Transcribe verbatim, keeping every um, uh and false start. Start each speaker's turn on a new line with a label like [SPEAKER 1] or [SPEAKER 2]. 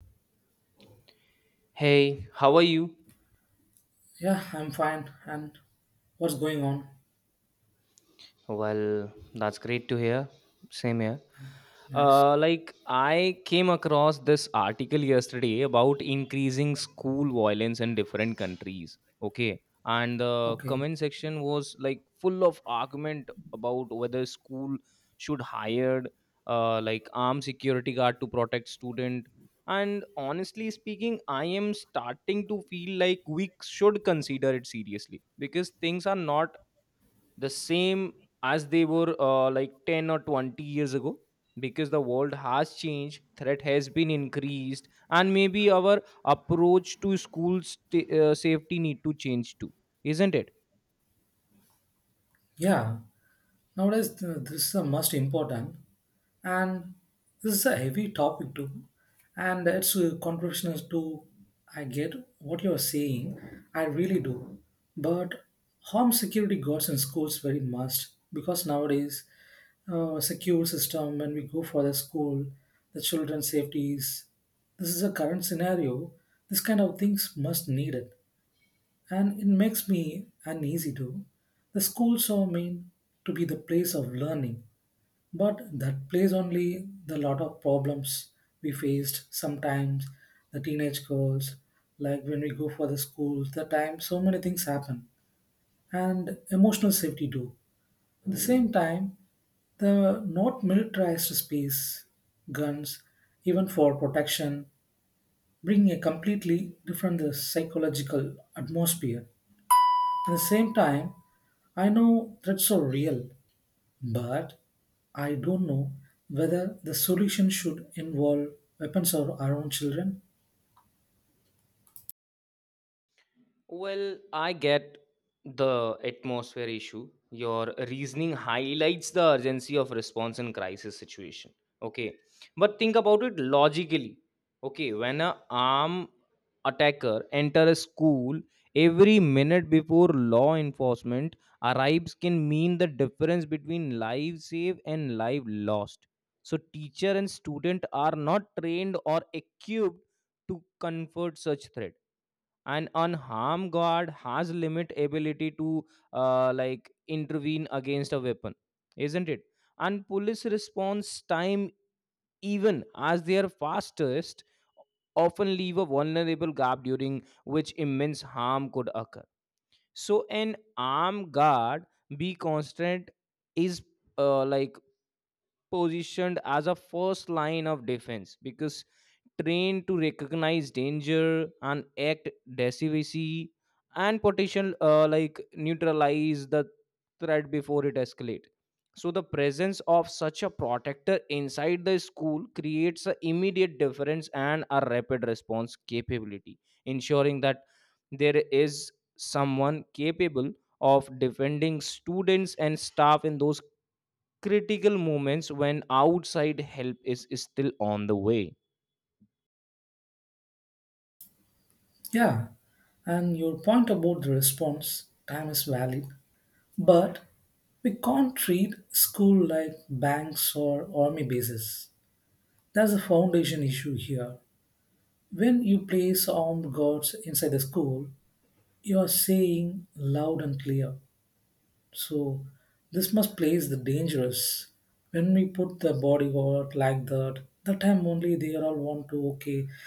[SPEAKER 1] Hey, how are you?
[SPEAKER 2] Yeah, I'm fine. And what's going on?
[SPEAKER 1] Well, that's great to hear. Same here.
[SPEAKER 2] Nice.
[SPEAKER 1] Uh, like I came across this article yesterday about increasing school violence in different countries. Okay, and the
[SPEAKER 2] Okay.
[SPEAKER 1] comment section was like full of argument about whether school should hire uh, like armed security guard to protect student. And honestly speaking, I am starting to feel like we should consider it seriously because things are not the same as they were uh, like ten or twenty years ago because the world has changed, threat has been increased, and maybe our approach to school sta- uh, safety need to change too, isn't it?
[SPEAKER 2] Yeah. Nowadays, th- this is the most important, and this is a heavy topic too, and it's uh, controversial too. I get what you're saying. I really do. But home security guards in schools very must because nowadays, uh, secure system. When we go for the school, the children's safety is. This is a current scenario. This kind of things must needed, and it makes me uneasy too. The schools are meant to be the place of learning, but that place only the lot of problems we faced sometimes. The teenage girls, like when we go for the schools, the time so many things happen, and emotional safety too. At the same time, the not militarized space, guns, even for protection, bringing a completely different uh, psychological atmosphere. At the same time, I know threats are real, but I don't know whether the solution should involve weapons or our own children.
[SPEAKER 1] Well, I get the atmosphere issue. Your reasoning highlights the urgency of response in crisis situation. Okay, but think about it logically. Okay, when a armed attacker enter a school, every minute before law enforcement arrives can mean the difference between life saved and life lost. So teacher and student are not trained or equipped to comfort such threat, and on harm god has limit ability to uh, like intervene against a weapon, isn't it? And police response time, even as their fastest, often leave a vulnerable gap during which immense harm could occur, so an armed guard be constant is uh, like positioned as a first line of defense because trained to recognize danger and act decisively and potential uh, like neutralize the threat before it escalates. So the presence of such a protector inside the school creates an immediate difference and a rapid response capability, ensuring that there is someone capable of defending students and staff in those critical moments when outside help is still on the way.
[SPEAKER 2] Yeah, and your point about the response time is valid, but we can't treat school like banks or army bases. That's a foundation issue here. When you place armed guards inside the school, you are saying loud and clear. So this must place the dangerous. When we put the bodyguard like that, that time only they all want to okay.